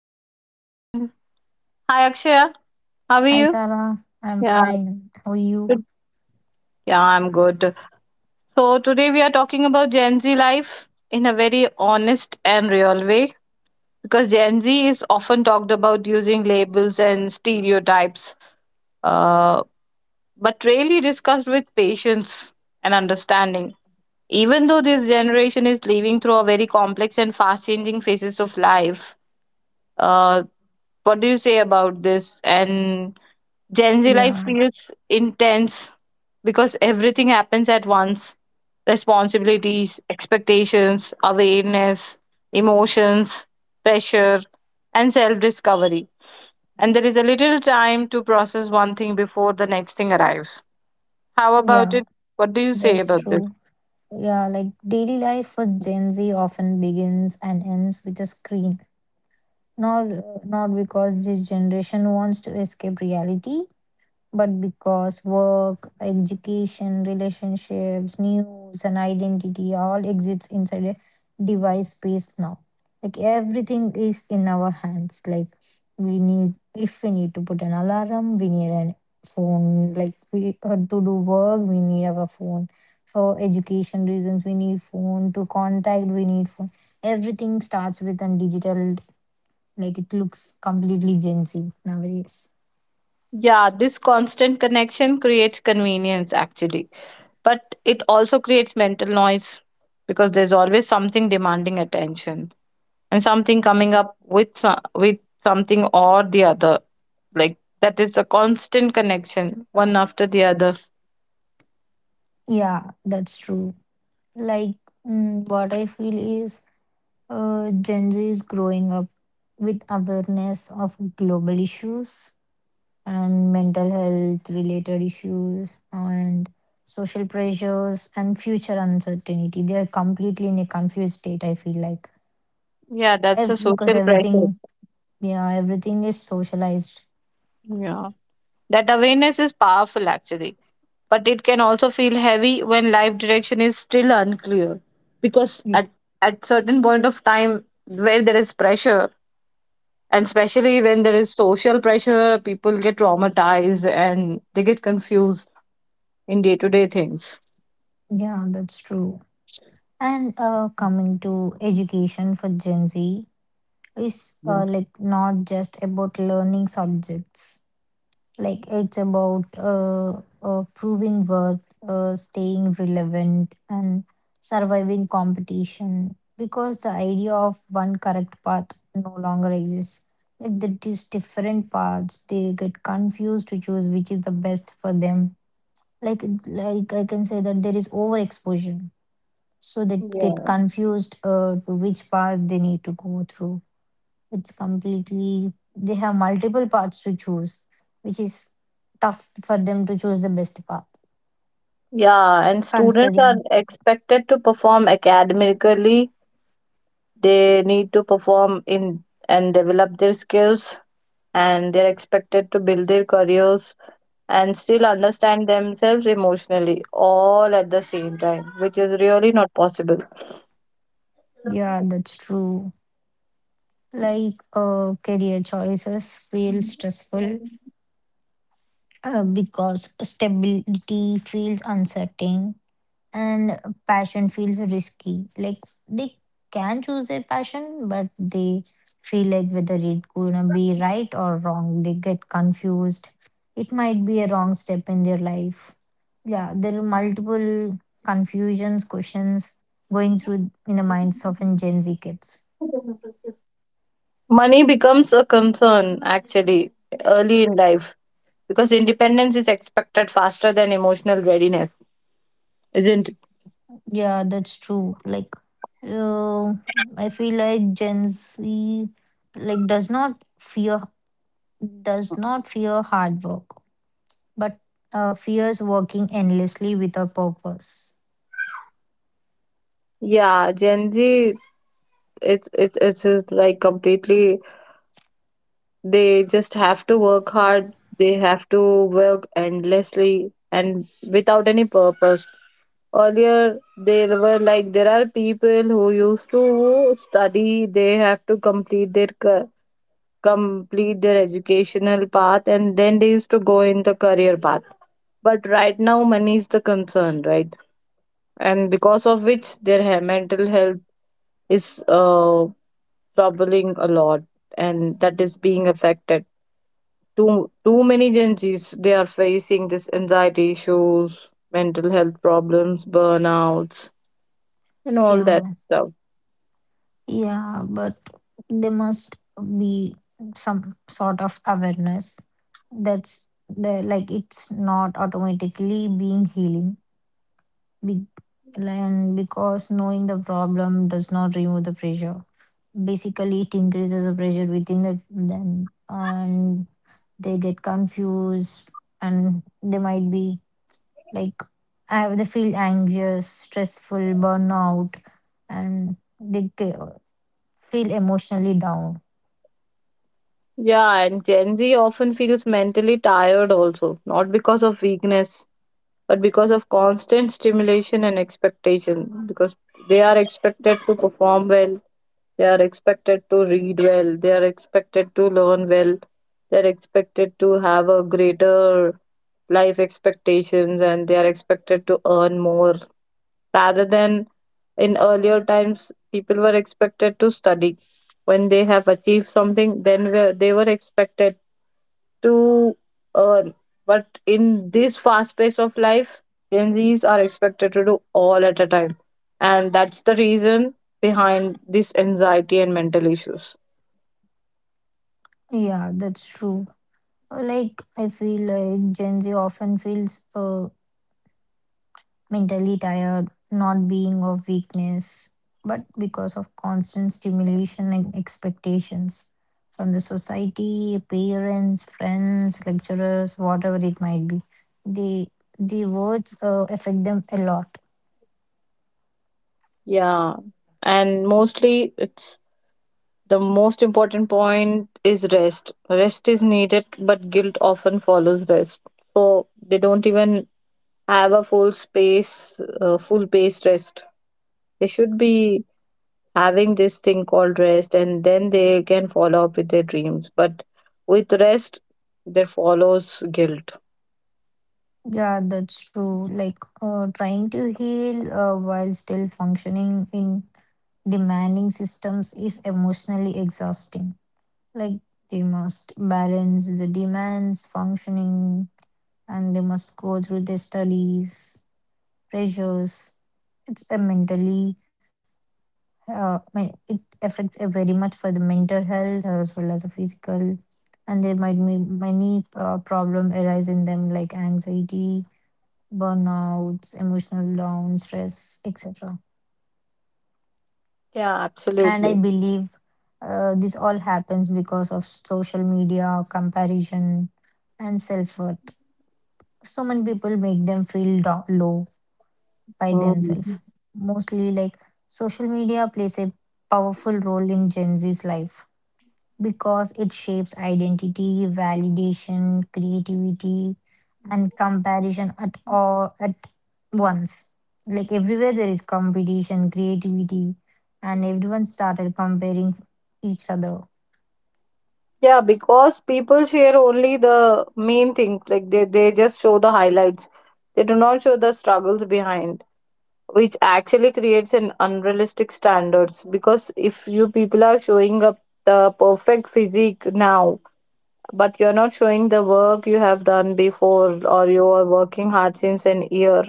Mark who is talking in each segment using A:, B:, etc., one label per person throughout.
A: podcast. And hi, Akshaya. How are
B: Hi,
A: you?
B: Sarah. I'm
A: Yeah,
B: fine. How are you?
A: good. Yeah, I'm good. So today we are talking about Gen Z life in a very honest and real way because Gen Z is often talked about using labels and stereotypes, uh, but rarely discussed with patience and understanding. Even though this generation is living through a very complex and fast-changing phases of life, uh, what do you say about this? And Gen Z life
B: Yeah,
A: feels intense because everything happens at once: responsibilities, expectations, awareness, emotions, pressure, and self discovery. And there is a little time to process one thing before the next thing arrives. How about
B: yeah,
A: it? What do you say
B: that's
A: about this?
B: true. Yeah, like daily life for Gen Z often begins and ends with a screen. Not because this generation wants to escape reality, but because work, education, relationships, news, and identity all exists inside a device space now. Like everything is in our hands. Like if we need to put an alarm, we need a phone. Like we had to do work, we need our phone. For education reasons, we need phone. To contact, we need phone. Everything starts with a digital. Like it looks completely Gen Z nowadays.
A: Yeah, this constant connection creates convenience actually, but it also creates mental noise because there's always something demanding attention, and something coming up with with something or the other, like that is a constant connection one after the other.
B: Yeah, that's true. Like, what I feel is Gen Z is growing up with awareness of global issues and mental health related issues and social pressures and future uncertainty. They are completely in a confused state, I feel like.
A: Yeah, that's a
B: Because
A: social pressure.
B: everything, yeah, everything is socialized.
A: Yeah, that awareness is powerful actually, but it can also feel heavy when life direction is still unclear, because
B: Y-
A: at certain point of time where there is pressure, and especially when there is social pressure people get traumatized and they get confused in day to day things.
B: Yeah, that's true. And coming to education for Gen Z is
A: Yeah
B: like not just about learning subjects. Like it's about proving worth, staying relevant, and surviving competition because the idea of one correct path no longer exists. Like these different paths, they get confused to choose which is the best for them. Like like I can say that there is overexposure, so they get
A: Yeah.
B: confused to which path they need to go through. It's completely, they have multiple paths to choose, which is tough for them to choose the best path.
A: Yeah, and students are
B: Considering,
A: expected to perform academically. They need to perform in and develop their skills, and they're expected to build their careers and still understand themselves emotionally all at the same time, which is really not possible.
B: yeah, that's true. Like career choices feel stressful because stability feels uncertain and passion feels risky. Like they can choose their passion, but they feel like whether it's gonna be right or wrong. They get confused. It might be a wrong step in their life. Yeah, there are multiple confusions, questions going through in the minds of in Gen Z kids.
A: Money becomes a concern actually early in life because independence is expected faster than emotional readiness, isn't it?
B: Yeah, that's true. Like, uh, I feel like Gen Z like does not fear hard work, but fears working endlessly without purpose.
A: Yeah, Gen Z, it's just like completely, they just have to work hard, they have to work endlessly and without any purpose. Earlier, there were like there are people who used to study, they have to complete their complete their educational path and then they used to go in the career path, but right now money is the concern, right? And because of which their mental health is troubling a lot, and that is being affected too. Too many Gen Z's, they are facing this anxiety issues, mental health problems, burnouts, and all that
B: Yeah,
A: stuff.
B: yeah, but there must be some sort of awareness that's there, like it's not automatically being healing. Be- And because knowing the problem does not remove the pressure. Basically, it increases the pressure within them, and they get confused, and they might be like, I have they feel anxious, stressful, burnout, and they feel emotionally down.
A: Yeah, and Gen Z often feels mentally tired also, not because of weakness but because of constant stimulation and expectation, because they are expected to perform well, they are expected to read well, they are expected to learn well, they are expected to have a greater life expectations, and they are expected to earn more, rather than in earlier times people were expected to study. When they have achieved something, then they were expected to earn. But in this fast pace of life, Gen Zs are expected to do all at a time. And that's the reason behind this anxiety and mental issues.
B: Yeah, that's true. Like, I feel like Gen Z often feels mentally tired, not being of weakness, but because of constant stimulation and expectations from the society, parents, friends, lecturers, whatever it might be. The the words affect them a lot.
A: Yeah. And mostly it's, the most important point is rest. Rest is needed, but guilt often follows rest. So they don't even have a full space, full pace rest. They should be having this thing called rest and then they can follow up with their dreams, but with rest there follows guilt.
B: Yeah, that's true. Like, trying to heal while still functioning in demanding systems is emotionally exhausting. Like they must balance the demands functioning, and they must go through their studies pressures. It's a mentally it affects a very much for the mental health as well as the physical, and there might be many problem arise in them like anxiety, burnouts, emotional down, stress, etc.
A: Yeah,
B: And I
A: absolutely.
B: believe this all happens because of social media comparison and self-worth. So many people make them feel down, low by themselves.
A: Mhm.
B: Mostly, like social media plays a powerful role in Gen Z's life because it shapes identity, validation, creativity, and comparison at all at once. Like everywhere, there is competition, creativity, and everyone started comparing each other.
A: Yeah, because people share only the main things, like they just show the highlights, they do not show the struggles behind, which actually creates an unrealistic standards. Because if you people are showing up the perfect physique now, but you're not showing the work you have done before, or you're working hard since an year,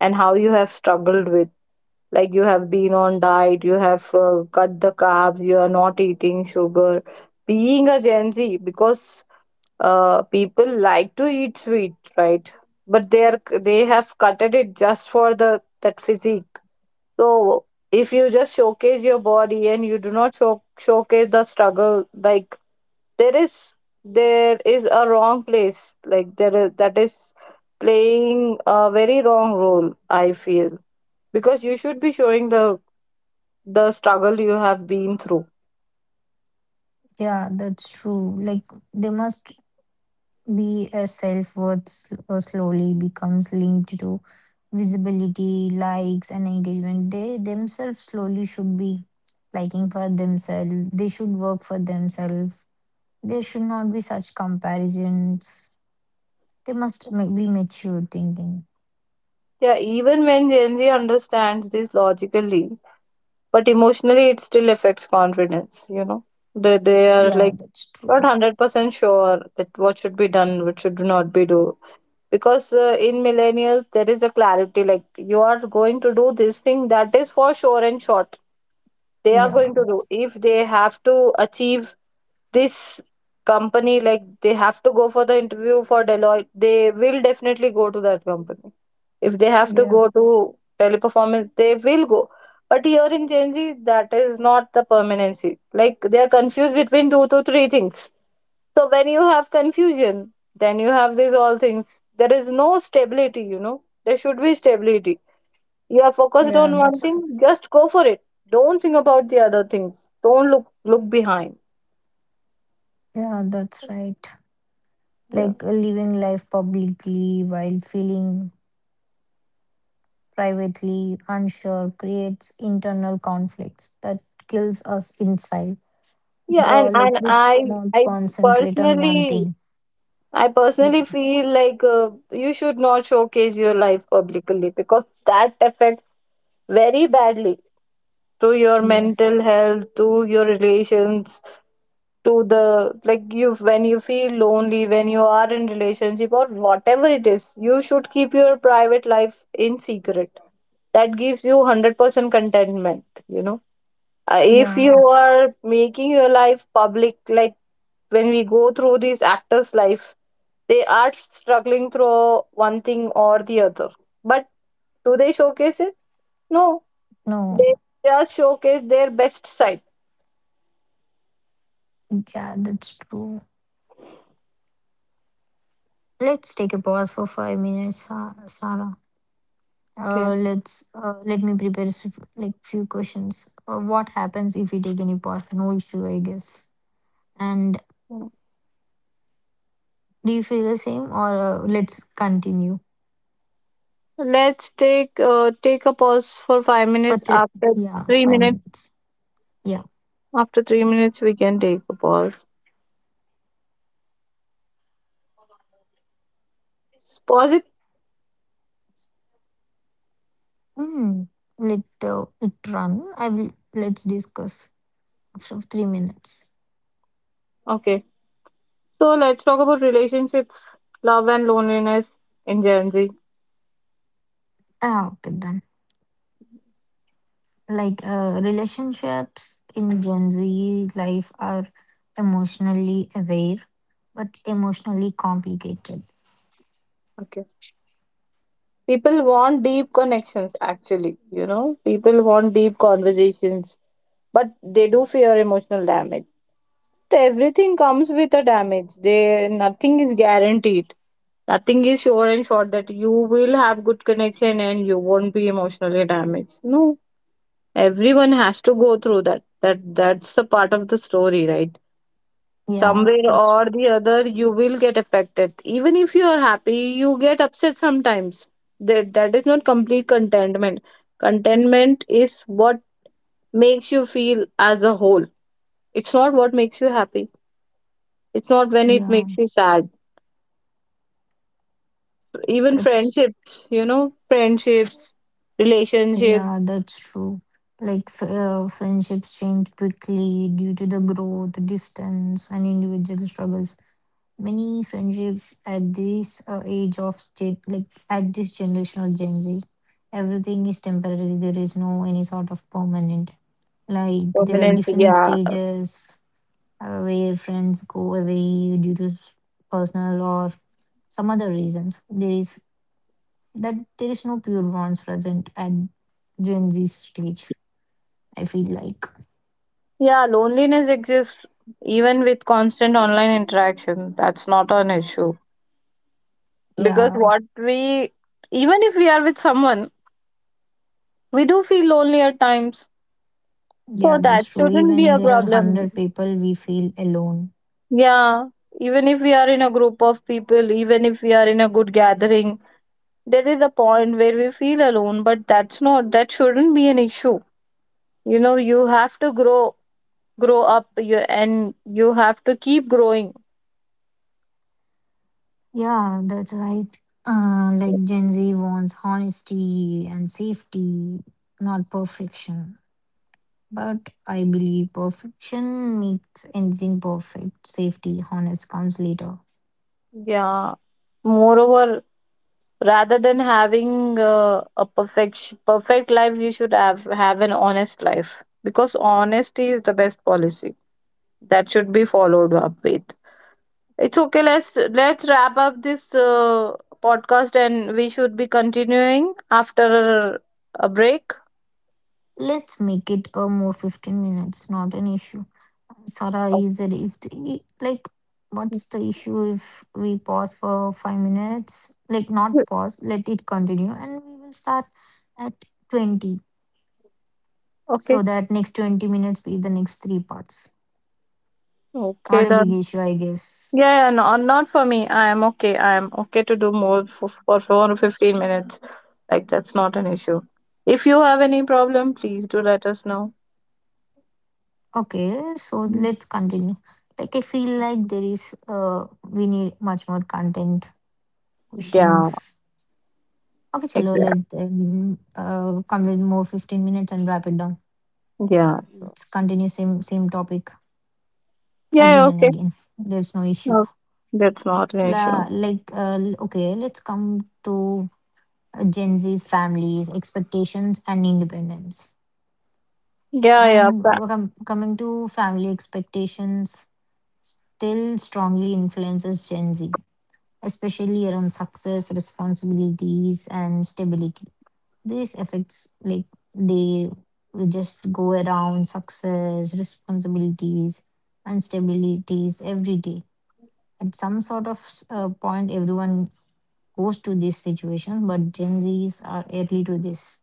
A: and how you have struggled with, like you have been on diet, you have cut the carbs, you are not eating sugar, being a Gen Z, because people like to eat sweet, right? But they have cutted it just for the that physique. So if you just showcase your body and you do not showcase the struggle, like there is, there is a wrong place, like there is, that is playing a very wrong role I feel, because you should be showing the struggle you have been through.
B: Yeah, that's true. Like they must be a self-worth slowly becomes linked to visibility, likes, and engagement. They themselves slowly should be liking for themselves. They should work for themselves. There should not be such comparisons. They must be mature thinking.
A: Yeah, even when Gen Z understands this logically, but emotionally it still affects confidence, you know. They are
B: Yeah,
A: like
B: that's
A: not
B: true.
A: 100% sure that what should be done, what should not be do, because in millennials there is a clarity, like you are going to do this thing, that is for sure and short. They are going
B: Yeah,
A: to do, if they have to achieve this company, like they have to go for the interview for Deloitte, they will definitely go to that company. If they have to
B: yeah,
A: go to Teleperformance, they will go. But here in Genji, that is not the permanency, like they are confused between two to three things. So when you have confusion then you have these all things, there is no stability, you know, there should be stability. You are focused
B: yeah,
A: on one
B: that's true.
A: thing, just go for it. Don't think about the other things. Don't look behind.
B: Yeah, that's right.
A: Yeah.
B: Like living life publicly while feeling privately, unsure, creates internal conflicts that kills us inside.
A: Yeah, and
B: The Like
A: and
B: we
A: I
B: cannot
A: I
B: concentrate on one
A: personally,
B: thing.
A: I
B: Yeah.
A: personally feel like you should not showcase your life publicly because that affects very badly to your
B: Yes.
A: mental health, to your relations, to the like you, when you feel lonely, when you are in relationship or whatever it is, you should keep your private life in secret. That gives you 100% contentment, you know. If you
B: Yeah.
A: are making your life public, like when we go through these actors life, they are struggling through one thing or the other, but do they showcase it? No. They
B: No.
A: just showcase their best side.
B: Yeah, that's true. Let's take a pause for 5 minutes, Sarah.
A: Okay.
B: Let's let me prepare like few questions. What happens if we take any pause? No issue, I guess. And do you feel the same, or let's continue
A: Let's take a pause for five
B: for
A: minutes.
B: three? Yeah,
A: Three
B: five
A: minutes,
B: minutes. Yeah.
A: after 3 minutes, we can take a pause. Pause it.
B: Hmm. Let it run. I will Let's discuss after 3 minutes.
A: Okay. So let's talk about relationships, love, and loneliness in Gen Z.
B: Ah, okay, done. Like relationships in Gen Z life are emotionally aware but emotionally complicated.
A: Okay. People want deep connections. Actually, you know, people want deep conversations, but they do fear emotional damage. Everything comes with a damage, they, nothing is guaranteed, nothing is sure and sure that you will have good connection and you won't be emotionally damaged. No, everyone has to go through that, that's a part of the story, right?
B: Yeah,
A: Somewhere
B: that's
A: or the other you will get affected, even if you are happy you get upset sometimes. That is not complete contentment. Contentment is what makes you feel as a whole. It's not what makes you happy, it's not when it
B: yeah,
A: makes you sad. Even
B: that's
A: friendships, you know, friendships, relationship,
B: yeah, that's true. Like friendships change quickly due to the growth, distance, and individual struggles. Many friendships at this like at this generational Gen Z, everything is temporary. There is no any sort of permanent. Like there are
A: permanence,
B: different
A: yeah.
B: stages where friends go away due to personal or some other reasons. There is That there is no pure bonds present at Gen Z stage. I feel like,
A: Yeah, loneliness exists even with constant online interaction, that's not an issue. Because
B: yeah,
A: what we, even if we are with someone, we do feel lonely at times. So
B: yeah,
A: that
B: that's true.
A: shouldn't be
B: Even
A: a
B: there are
A: problem.
B: 100 people we feel alone.
A: Yeah, even if we are in a group of people, even if we are in a good gathering, there is a point where we feel alone, but that's not, that shouldn't be an issue. You know, you have to grow, grow up you, and you have to keep growing.
B: Yeah, that's right. Like Gen Z wants honesty and safety, not perfection. But I believe perfection makes anything perfect. Safety, honest comes later.
A: Yeah. Moreover, rather than having a perfect life, you should have an honest life, because honesty is the best policy, that should be followed up with. It's okay. Let's wrap up this podcast, and we should be continuing after a break.
B: Let's make it a more 15 minutes, not an issue. Sarah,
A: Okay.
B: is it if the, like what's the issue if we pause for 5 minutes? Like not pause, let it continue and we will start at 20,
A: Okay.
B: so that next 20 minutes be the next three parts.
A: Okay.
B: Not a big
A: Then.
B: issue, I guess.
A: Yeah, yeah, no, not for me. I am okay. I am okay to do more for 4 or 15 minutes. Like, that's not an issue. If you have any problem, please do let us know.
B: Okay, so
A: Mm.
B: let's continue. Like I feel like there is we need much more content,
A: Yeah,
B: questions. Okay, chalo, let
A: exactly.
B: complete more 15 minutes and wrap it down.
A: Yeah, sure.
B: Let's continue same topic
A: Yeah,
B: again
A: yeah,
B: and
A: okay.
B: again. There's no issue.
A: No, that's not an issue.
B: Okay, let's come to Gen Z's families expectations and independence.
A: Yeah, yeah.
B: And coming to family expectations, still strongly influences Gen Z, especially around success, responsibilities, and stability. These effects, like they just go around success, responsibilities, and stabilities every day. At some sort of point, everyone goes to this situation, but Gen Zs are early to this.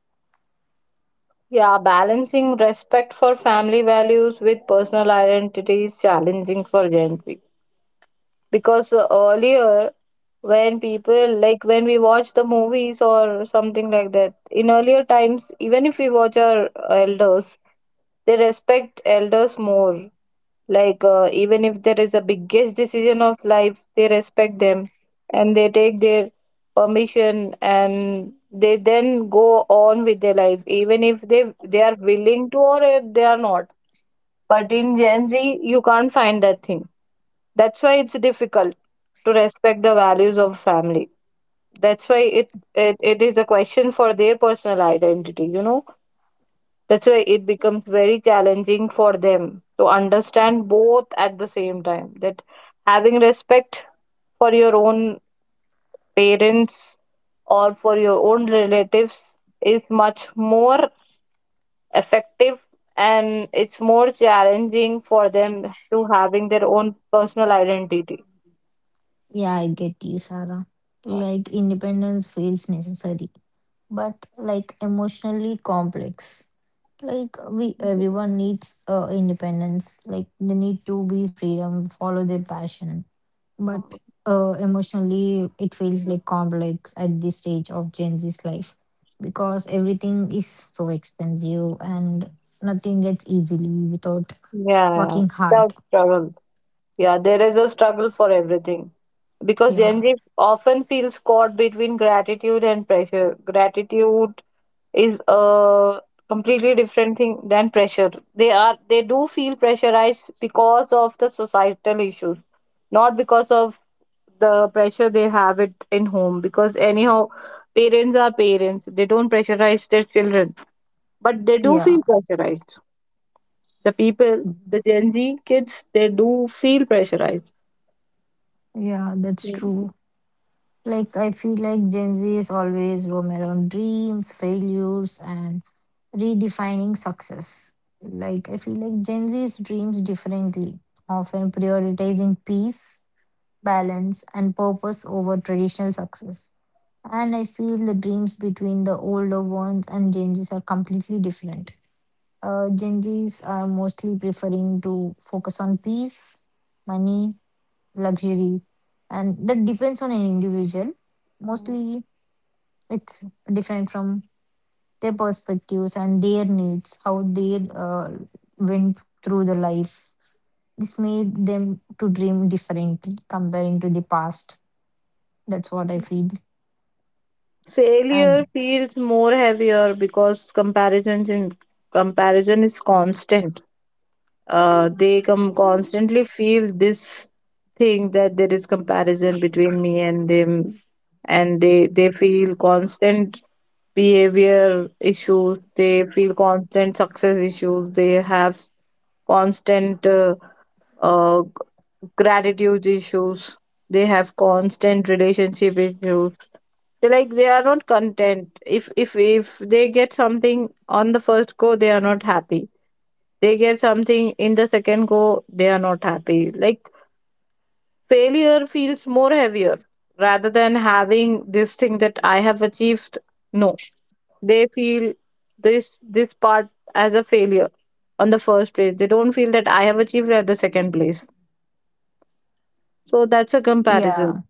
A: Balancing respect for family values with personal identity is challenging for Gen Z. Because earlier, when people, like when we watch the movies or something like that in earlier times, even if we watch our elders, they respect elders more. Like even if there is a biggest decision of life, they respect them and they take their permission, and they then go on with their life, even if they are willing to or if they are not. But in Gen Z you can't find that thing. That's why it's difficult to respect the values of family, that's why it is a question for their personal identity, you know. That's why it becomes very challenging for them to understand both at the same time, that having respect for your own parents or for your own relatives is much more effective, and it's more challenging for them to having their own personal identity.
B: Yeah, I get you, Sarah. Like independence feels necessary but like emotionally complex. Like we
A: Yeah.
B: everyone needs independence. Like they need to be freedom, follow their passion. But emotionally, it feels like complex at this stage of Gen Z's life because everything is so expensive and nothing gets easily without
A: Yeah.
B: working
A: Tough
B: hard.
A: struggle. Yeah, there is a struggle for everything, because Gen
B: Yeah,
A: Z often feels caught between gratitude and pressure. Gratitude is a completely different thing than pressure. They do feel pressurized because of the societal issues, not because of the pressure they have it in home. Because anyhow, parents are parents. They don't pressurize their children, but they do
B: yeah,
A: feel pressurized. The people, the Gen Z kids, they do feel pressurized.
B: yeah. That's true. Like I feel like Gen Z is always roam around dreams, failures, and redefining success. Like I feel like Gen Z's dreams differently, often prioritizing peace, balance, and purpose over traditional success. And I feel the dreams between the older ones and Gen Z's are completely different. Gen Z's are mostly preferring to focus on peace, money, luxury, and that depends on an individual.
A: Mm.
B: Mostly, it's different from their perspectives and their needs. How they went through the life, this made them to dream differently comparing to the past. That's what I feel.
A: Failure
B: And
A: feels more heavier because comparison is constant. They come constantly feel this thing that there is comparison between me and them, and they feel constant behavior issues. They feel constant success issues. They have constant uh, gratitude issues. They have constant relationship issues, they like they are not content. If they get something on the first go, they are not happy. They get something in the second go, they are not happy. Like, failure feels more heavier rather than having this thing that I have achieved. No, they feel this, this part as a failure. On the first place, they don't feel that I have achieved at the second place. So that's a comparison.
B: yeah,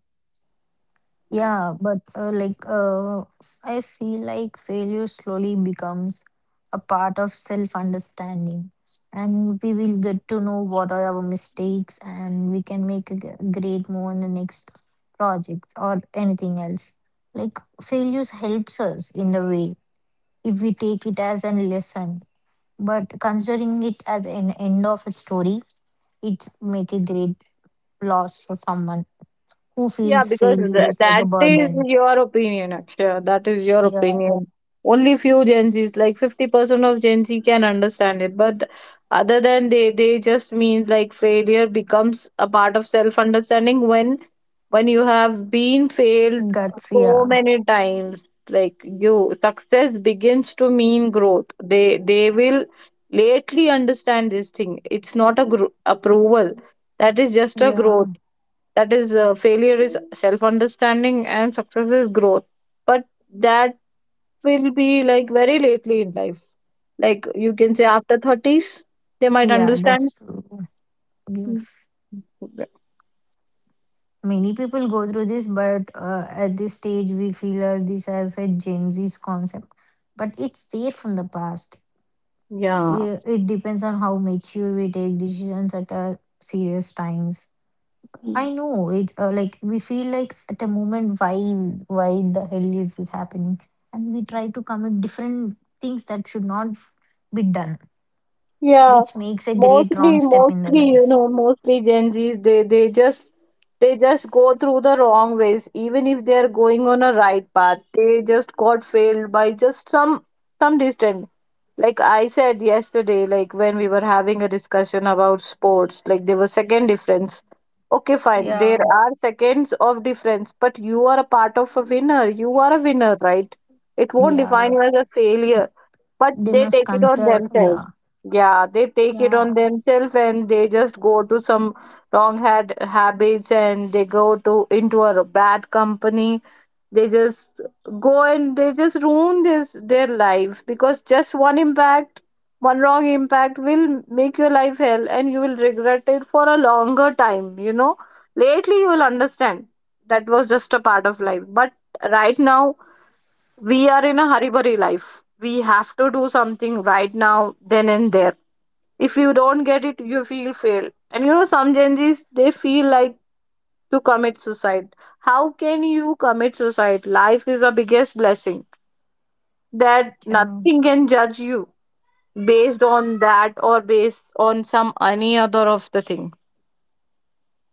B: yeah, but I feel like failure slowly becomes a part of self understanding, and we will get to know what are our mistakes, and we can make a great move in the next projects or anything else. Like failures helps us in the way if we take it as a lesson, but considering it as an end of a story, it make a great loss for someone who
A: Yeah,
B: feels
A: because
B: failure is like
A: that
B: a
A: is
B: burden.
A: your opinion, Akshay. That is your
B: Yeah.
A: opinion. Only few Gen Zs, like 50% of Gen Z can understand it. But other than they just mean like failure becomes a part of self-understanding when you have been failed
B: Guts,
A: so
B: yeah.
A: many times. Like you, success begins to mean growth. They will lately understand this thing. It's not a gr approval. That is just a growth.
B: Yeah.
A: That is, failure is self understanding and success is growth, but that will be like very lately in life. Like you can say after thirties they might
B: Yeah,
A: understand.
B: that's true. Yes. Many people go through this, but at this stage, we feel this as a Gen Z's concept. But it's there from the past.
A: Yeah.
B: Yeah, it depends on how mature we take decisions at serious times. I know it's like we feel like at a moment, why the hell is this happening? And we try to commit different things that should not be done,
A: Yeah,
B: which makes a great wrong step in the
A: you
B: life.
A: know, mostly Gen Zs, they just go through the wrong ways, even if they are going on a right path. They just got failed by just some distant. Like I said yesterday, like when we were having a discussion about sports, like there was second difference. Okay, fine. There
B: Yeah.
A: are seconds of difference, but you are a part of a winner. You are a winner, right? It won't define
B: Yeah,
A: you as a failure, but
B: they
A: they
B: must
A: take it on
B: consider. Yeah,
A: themselves. Yeah, they take it
B: yeah,
A: on themselves and they just go to some wrong had habits and they go to into a bad company. They just go and they just ruin this their life because just one impact, one wrong impact will make your life hell and you will regret it for a longer time, Lately you will understand that was just a part of life. But right now we are in a hurry burry life. We have to do something right now, then and there. If you don't get it, you feel failed. And some Gen Zs, they feel like to commit suicide. How can you commit suicide? Life is the biggest blessing that
B: yeah.
A: nothing can judge you based on that or based on some any other of the thing.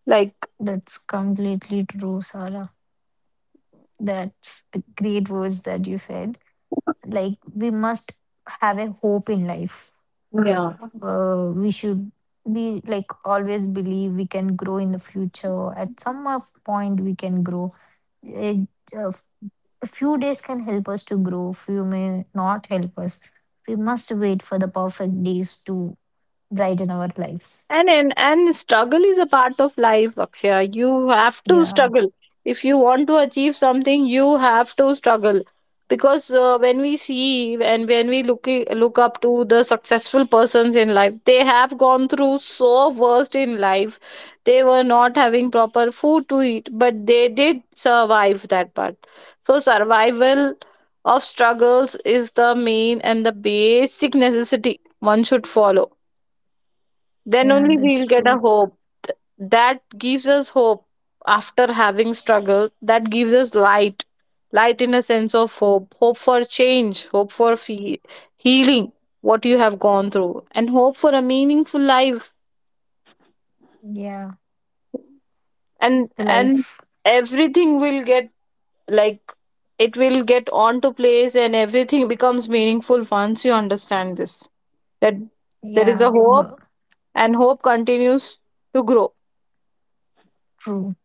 A: Like,
B: That's completely true, Sarah. That's the great words that you said. Like we must have a hope in life.
A: yeah.
B: We should be like always believe we can grow in the future. At some of point, we can grow. It, uh, a few days can help us to grow. Few may not help us. We must wait for the perfect days to brighten our lives.
A: And struggle is a part of life, Akshaya. You have to
B: Yeah.
A: struggle. If you want to achieve something, you have to struggle. Because when we see and when we look look up to the successful persons in life, they have gone through so worst in life. They were not having proper food to eat, but they did survive that part. So, survival of struggles is the main and the basic necessity one should follow.
B: Yeah,
A: Then only
B: that's
A: we'll
B: true.
A: get a hope. Th- that gives us hope. After having struggle, that gives us light, light in a sense of hope, hope for change, hope for healing what you have gone through, and hope for a meaningful life.
B: Yeah,
A: and
B: the
A: and
B: life.
A: everything will get, like, it will get on to place and everything becomes meaningful once you understand this, that there is a
B: Yeah,
A: hope, and hope continues to grow.
B: true.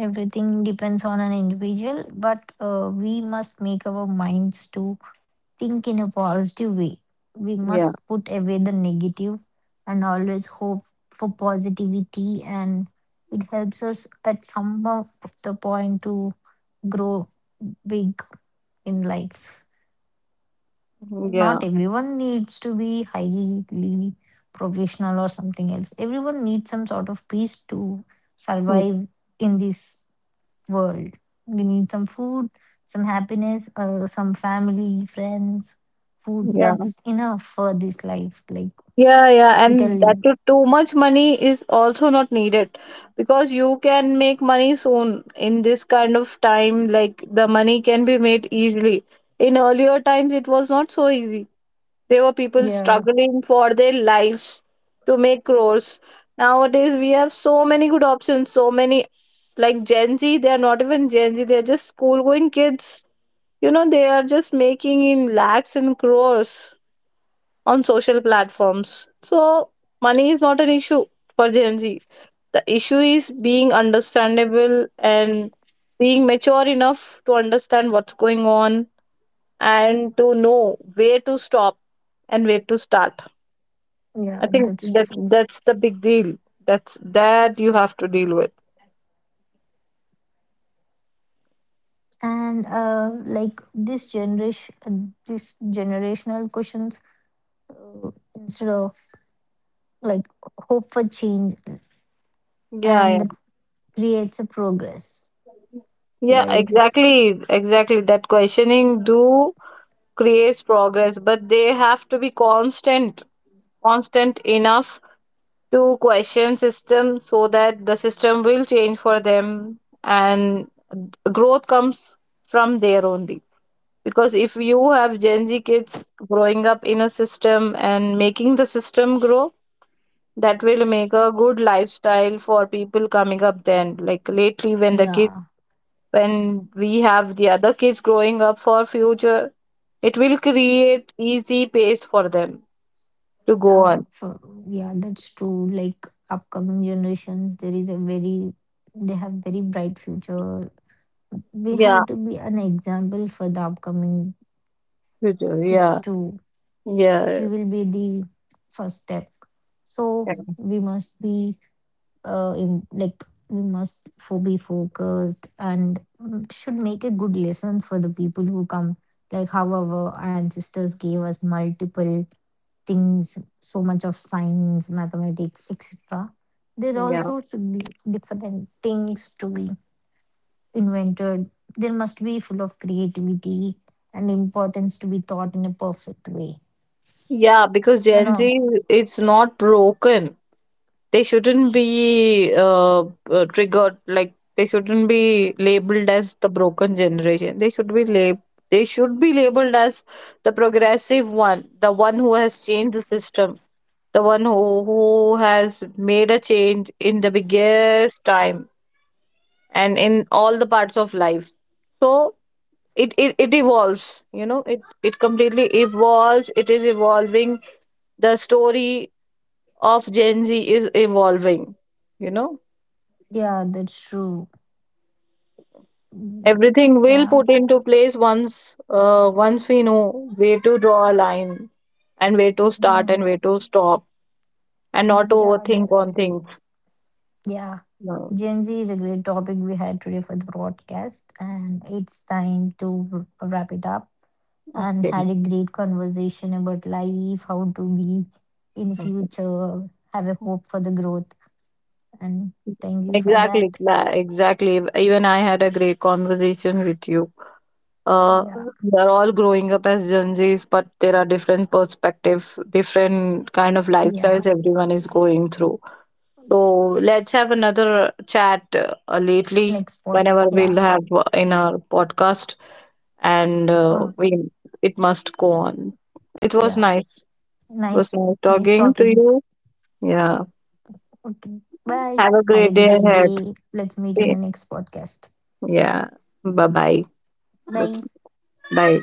B: Everything depends on an individual, but we must make our minds to think in a positive way. We
A: Yeah.
B: must put away the negative and always hope for positivity, and it helps us at some of the point to grow big in life.
A: Yeah.
B: Not everyone needs to be highly professional or something else. Everyone needs some sort of peace to survive in this world. We need some food, some happiness, some family, friends, food.
A: Yeah,
B: That's enough for this life. Like
A: yeah,
B: we
A: and
B: can
A: that
B: live.
A: too much money is also not needed because you can make money soon in this kind of time. Like, the money can be made easily. In earlier times, it was not so easy. There were people
B: Yeah,
A: struggling for their lives to make crores. Nowadays, we have so many good options, so many, like Gen Z, they are not even Gen Z, they're just school going kids. You know, they are just making in lakhs and crores on social platforms. So, money is not an issue for Gen Z. The issue is being understandable and being mature enough to understand what's going on, and to know where to stop and where to start. I
B: yeah,
A: think
B: that's true.
A: that's the big deal. That's that you have to deal with.
B: And like this generation, this generational questions instead of like hope for change.
A: Yeah,
B: And the creates a progress
A: yeah. Yeah,
B: like
A: exactly. Exactly. That questioning do creates progress, but they have to be constant, constant enough to question system so that the system will change for them, and growth comes from there only. Because if you have Gen Z kids growing up in a system and making the system grow, that will make a good lifestyle for people coming up. Then, like, lately when the
B: yeah.
A: kids, when we have the other kids growing up for future, it will create easy pace for them to go
B: Yeah,
A: on.
B: for, yeah, that's true. Like upcoming generations, there is a very they have very bright future. We
A: Yeah.
B: have to be an example for the upcoming
A: Future,
B: kids
A: yeah.
B: too.
A: Yeah.
B: We will be the first step, so
A: Yeah.
B: we must be in, like we must be focused and should make a good lessons for the people who come. Like how our ancestors gave us multiple things, so much of science, mathematics, etc. There
A: Yeah.
B: also should be different things to be invented. There must be full of creativity and importance to be taught in a perfect way.
A: Yeah, because
B: You
A: Gen Z,
B: know,
A: it's not broken. They shouldn't be triggered. Like, they shouldn't be labeled as the broken generation. They should be they should be labeled as the progressive one, the one who has changed the system, the one who has made a change in the biggest time and in all the parts of life. So it evolves, you know, it completely evolves. It is evolving. The story of Gen Z is evolving, you know.
B: yeah, that's true. Mm,
A: Everything will
B: Yeah,
A: put into place once, once we know where to draw a line and where to start
B: yeah,
A: and where to stop, and not to
B: yeah,
A: overthink on
B: that's right.
A: things.
B: Yeah,
A: No.
B: Gen Z is a great topic we had today for the broadcast, and it's time to wrap it up. And
A: Okay.
B: had a great conversation about life, how to be in
A: Okay.
B: future, have a hope for the growth. And thank you for
A: Exactly.
B: that.
A: Exactly, even I had a great conversation with you. uh,
B: Yeah.
A: we are all growing up as Gen Zs, but there are different perspective, different kind of
B: Yeah.
A: lifestyles everyone is going through. So let's have another chat lately
B: Next spot.
A: whenever
B: Yeah.
A: we'll have, in our podcast, and
B: Okay.
A: we it must go on. It was
B: Yeah.
A: nice. It was
B: Nice.
A: nice
B: Nice
A: talking to
B: talking.
A: you. Yeah.
B: Okay. Bye.
A: Have a
B: Have a
A: great day
B: great
A: ahead.
B: day. Let's meet in the next podcast.
A: Yeah. Bye bye.
B: Bye.
A: Bye.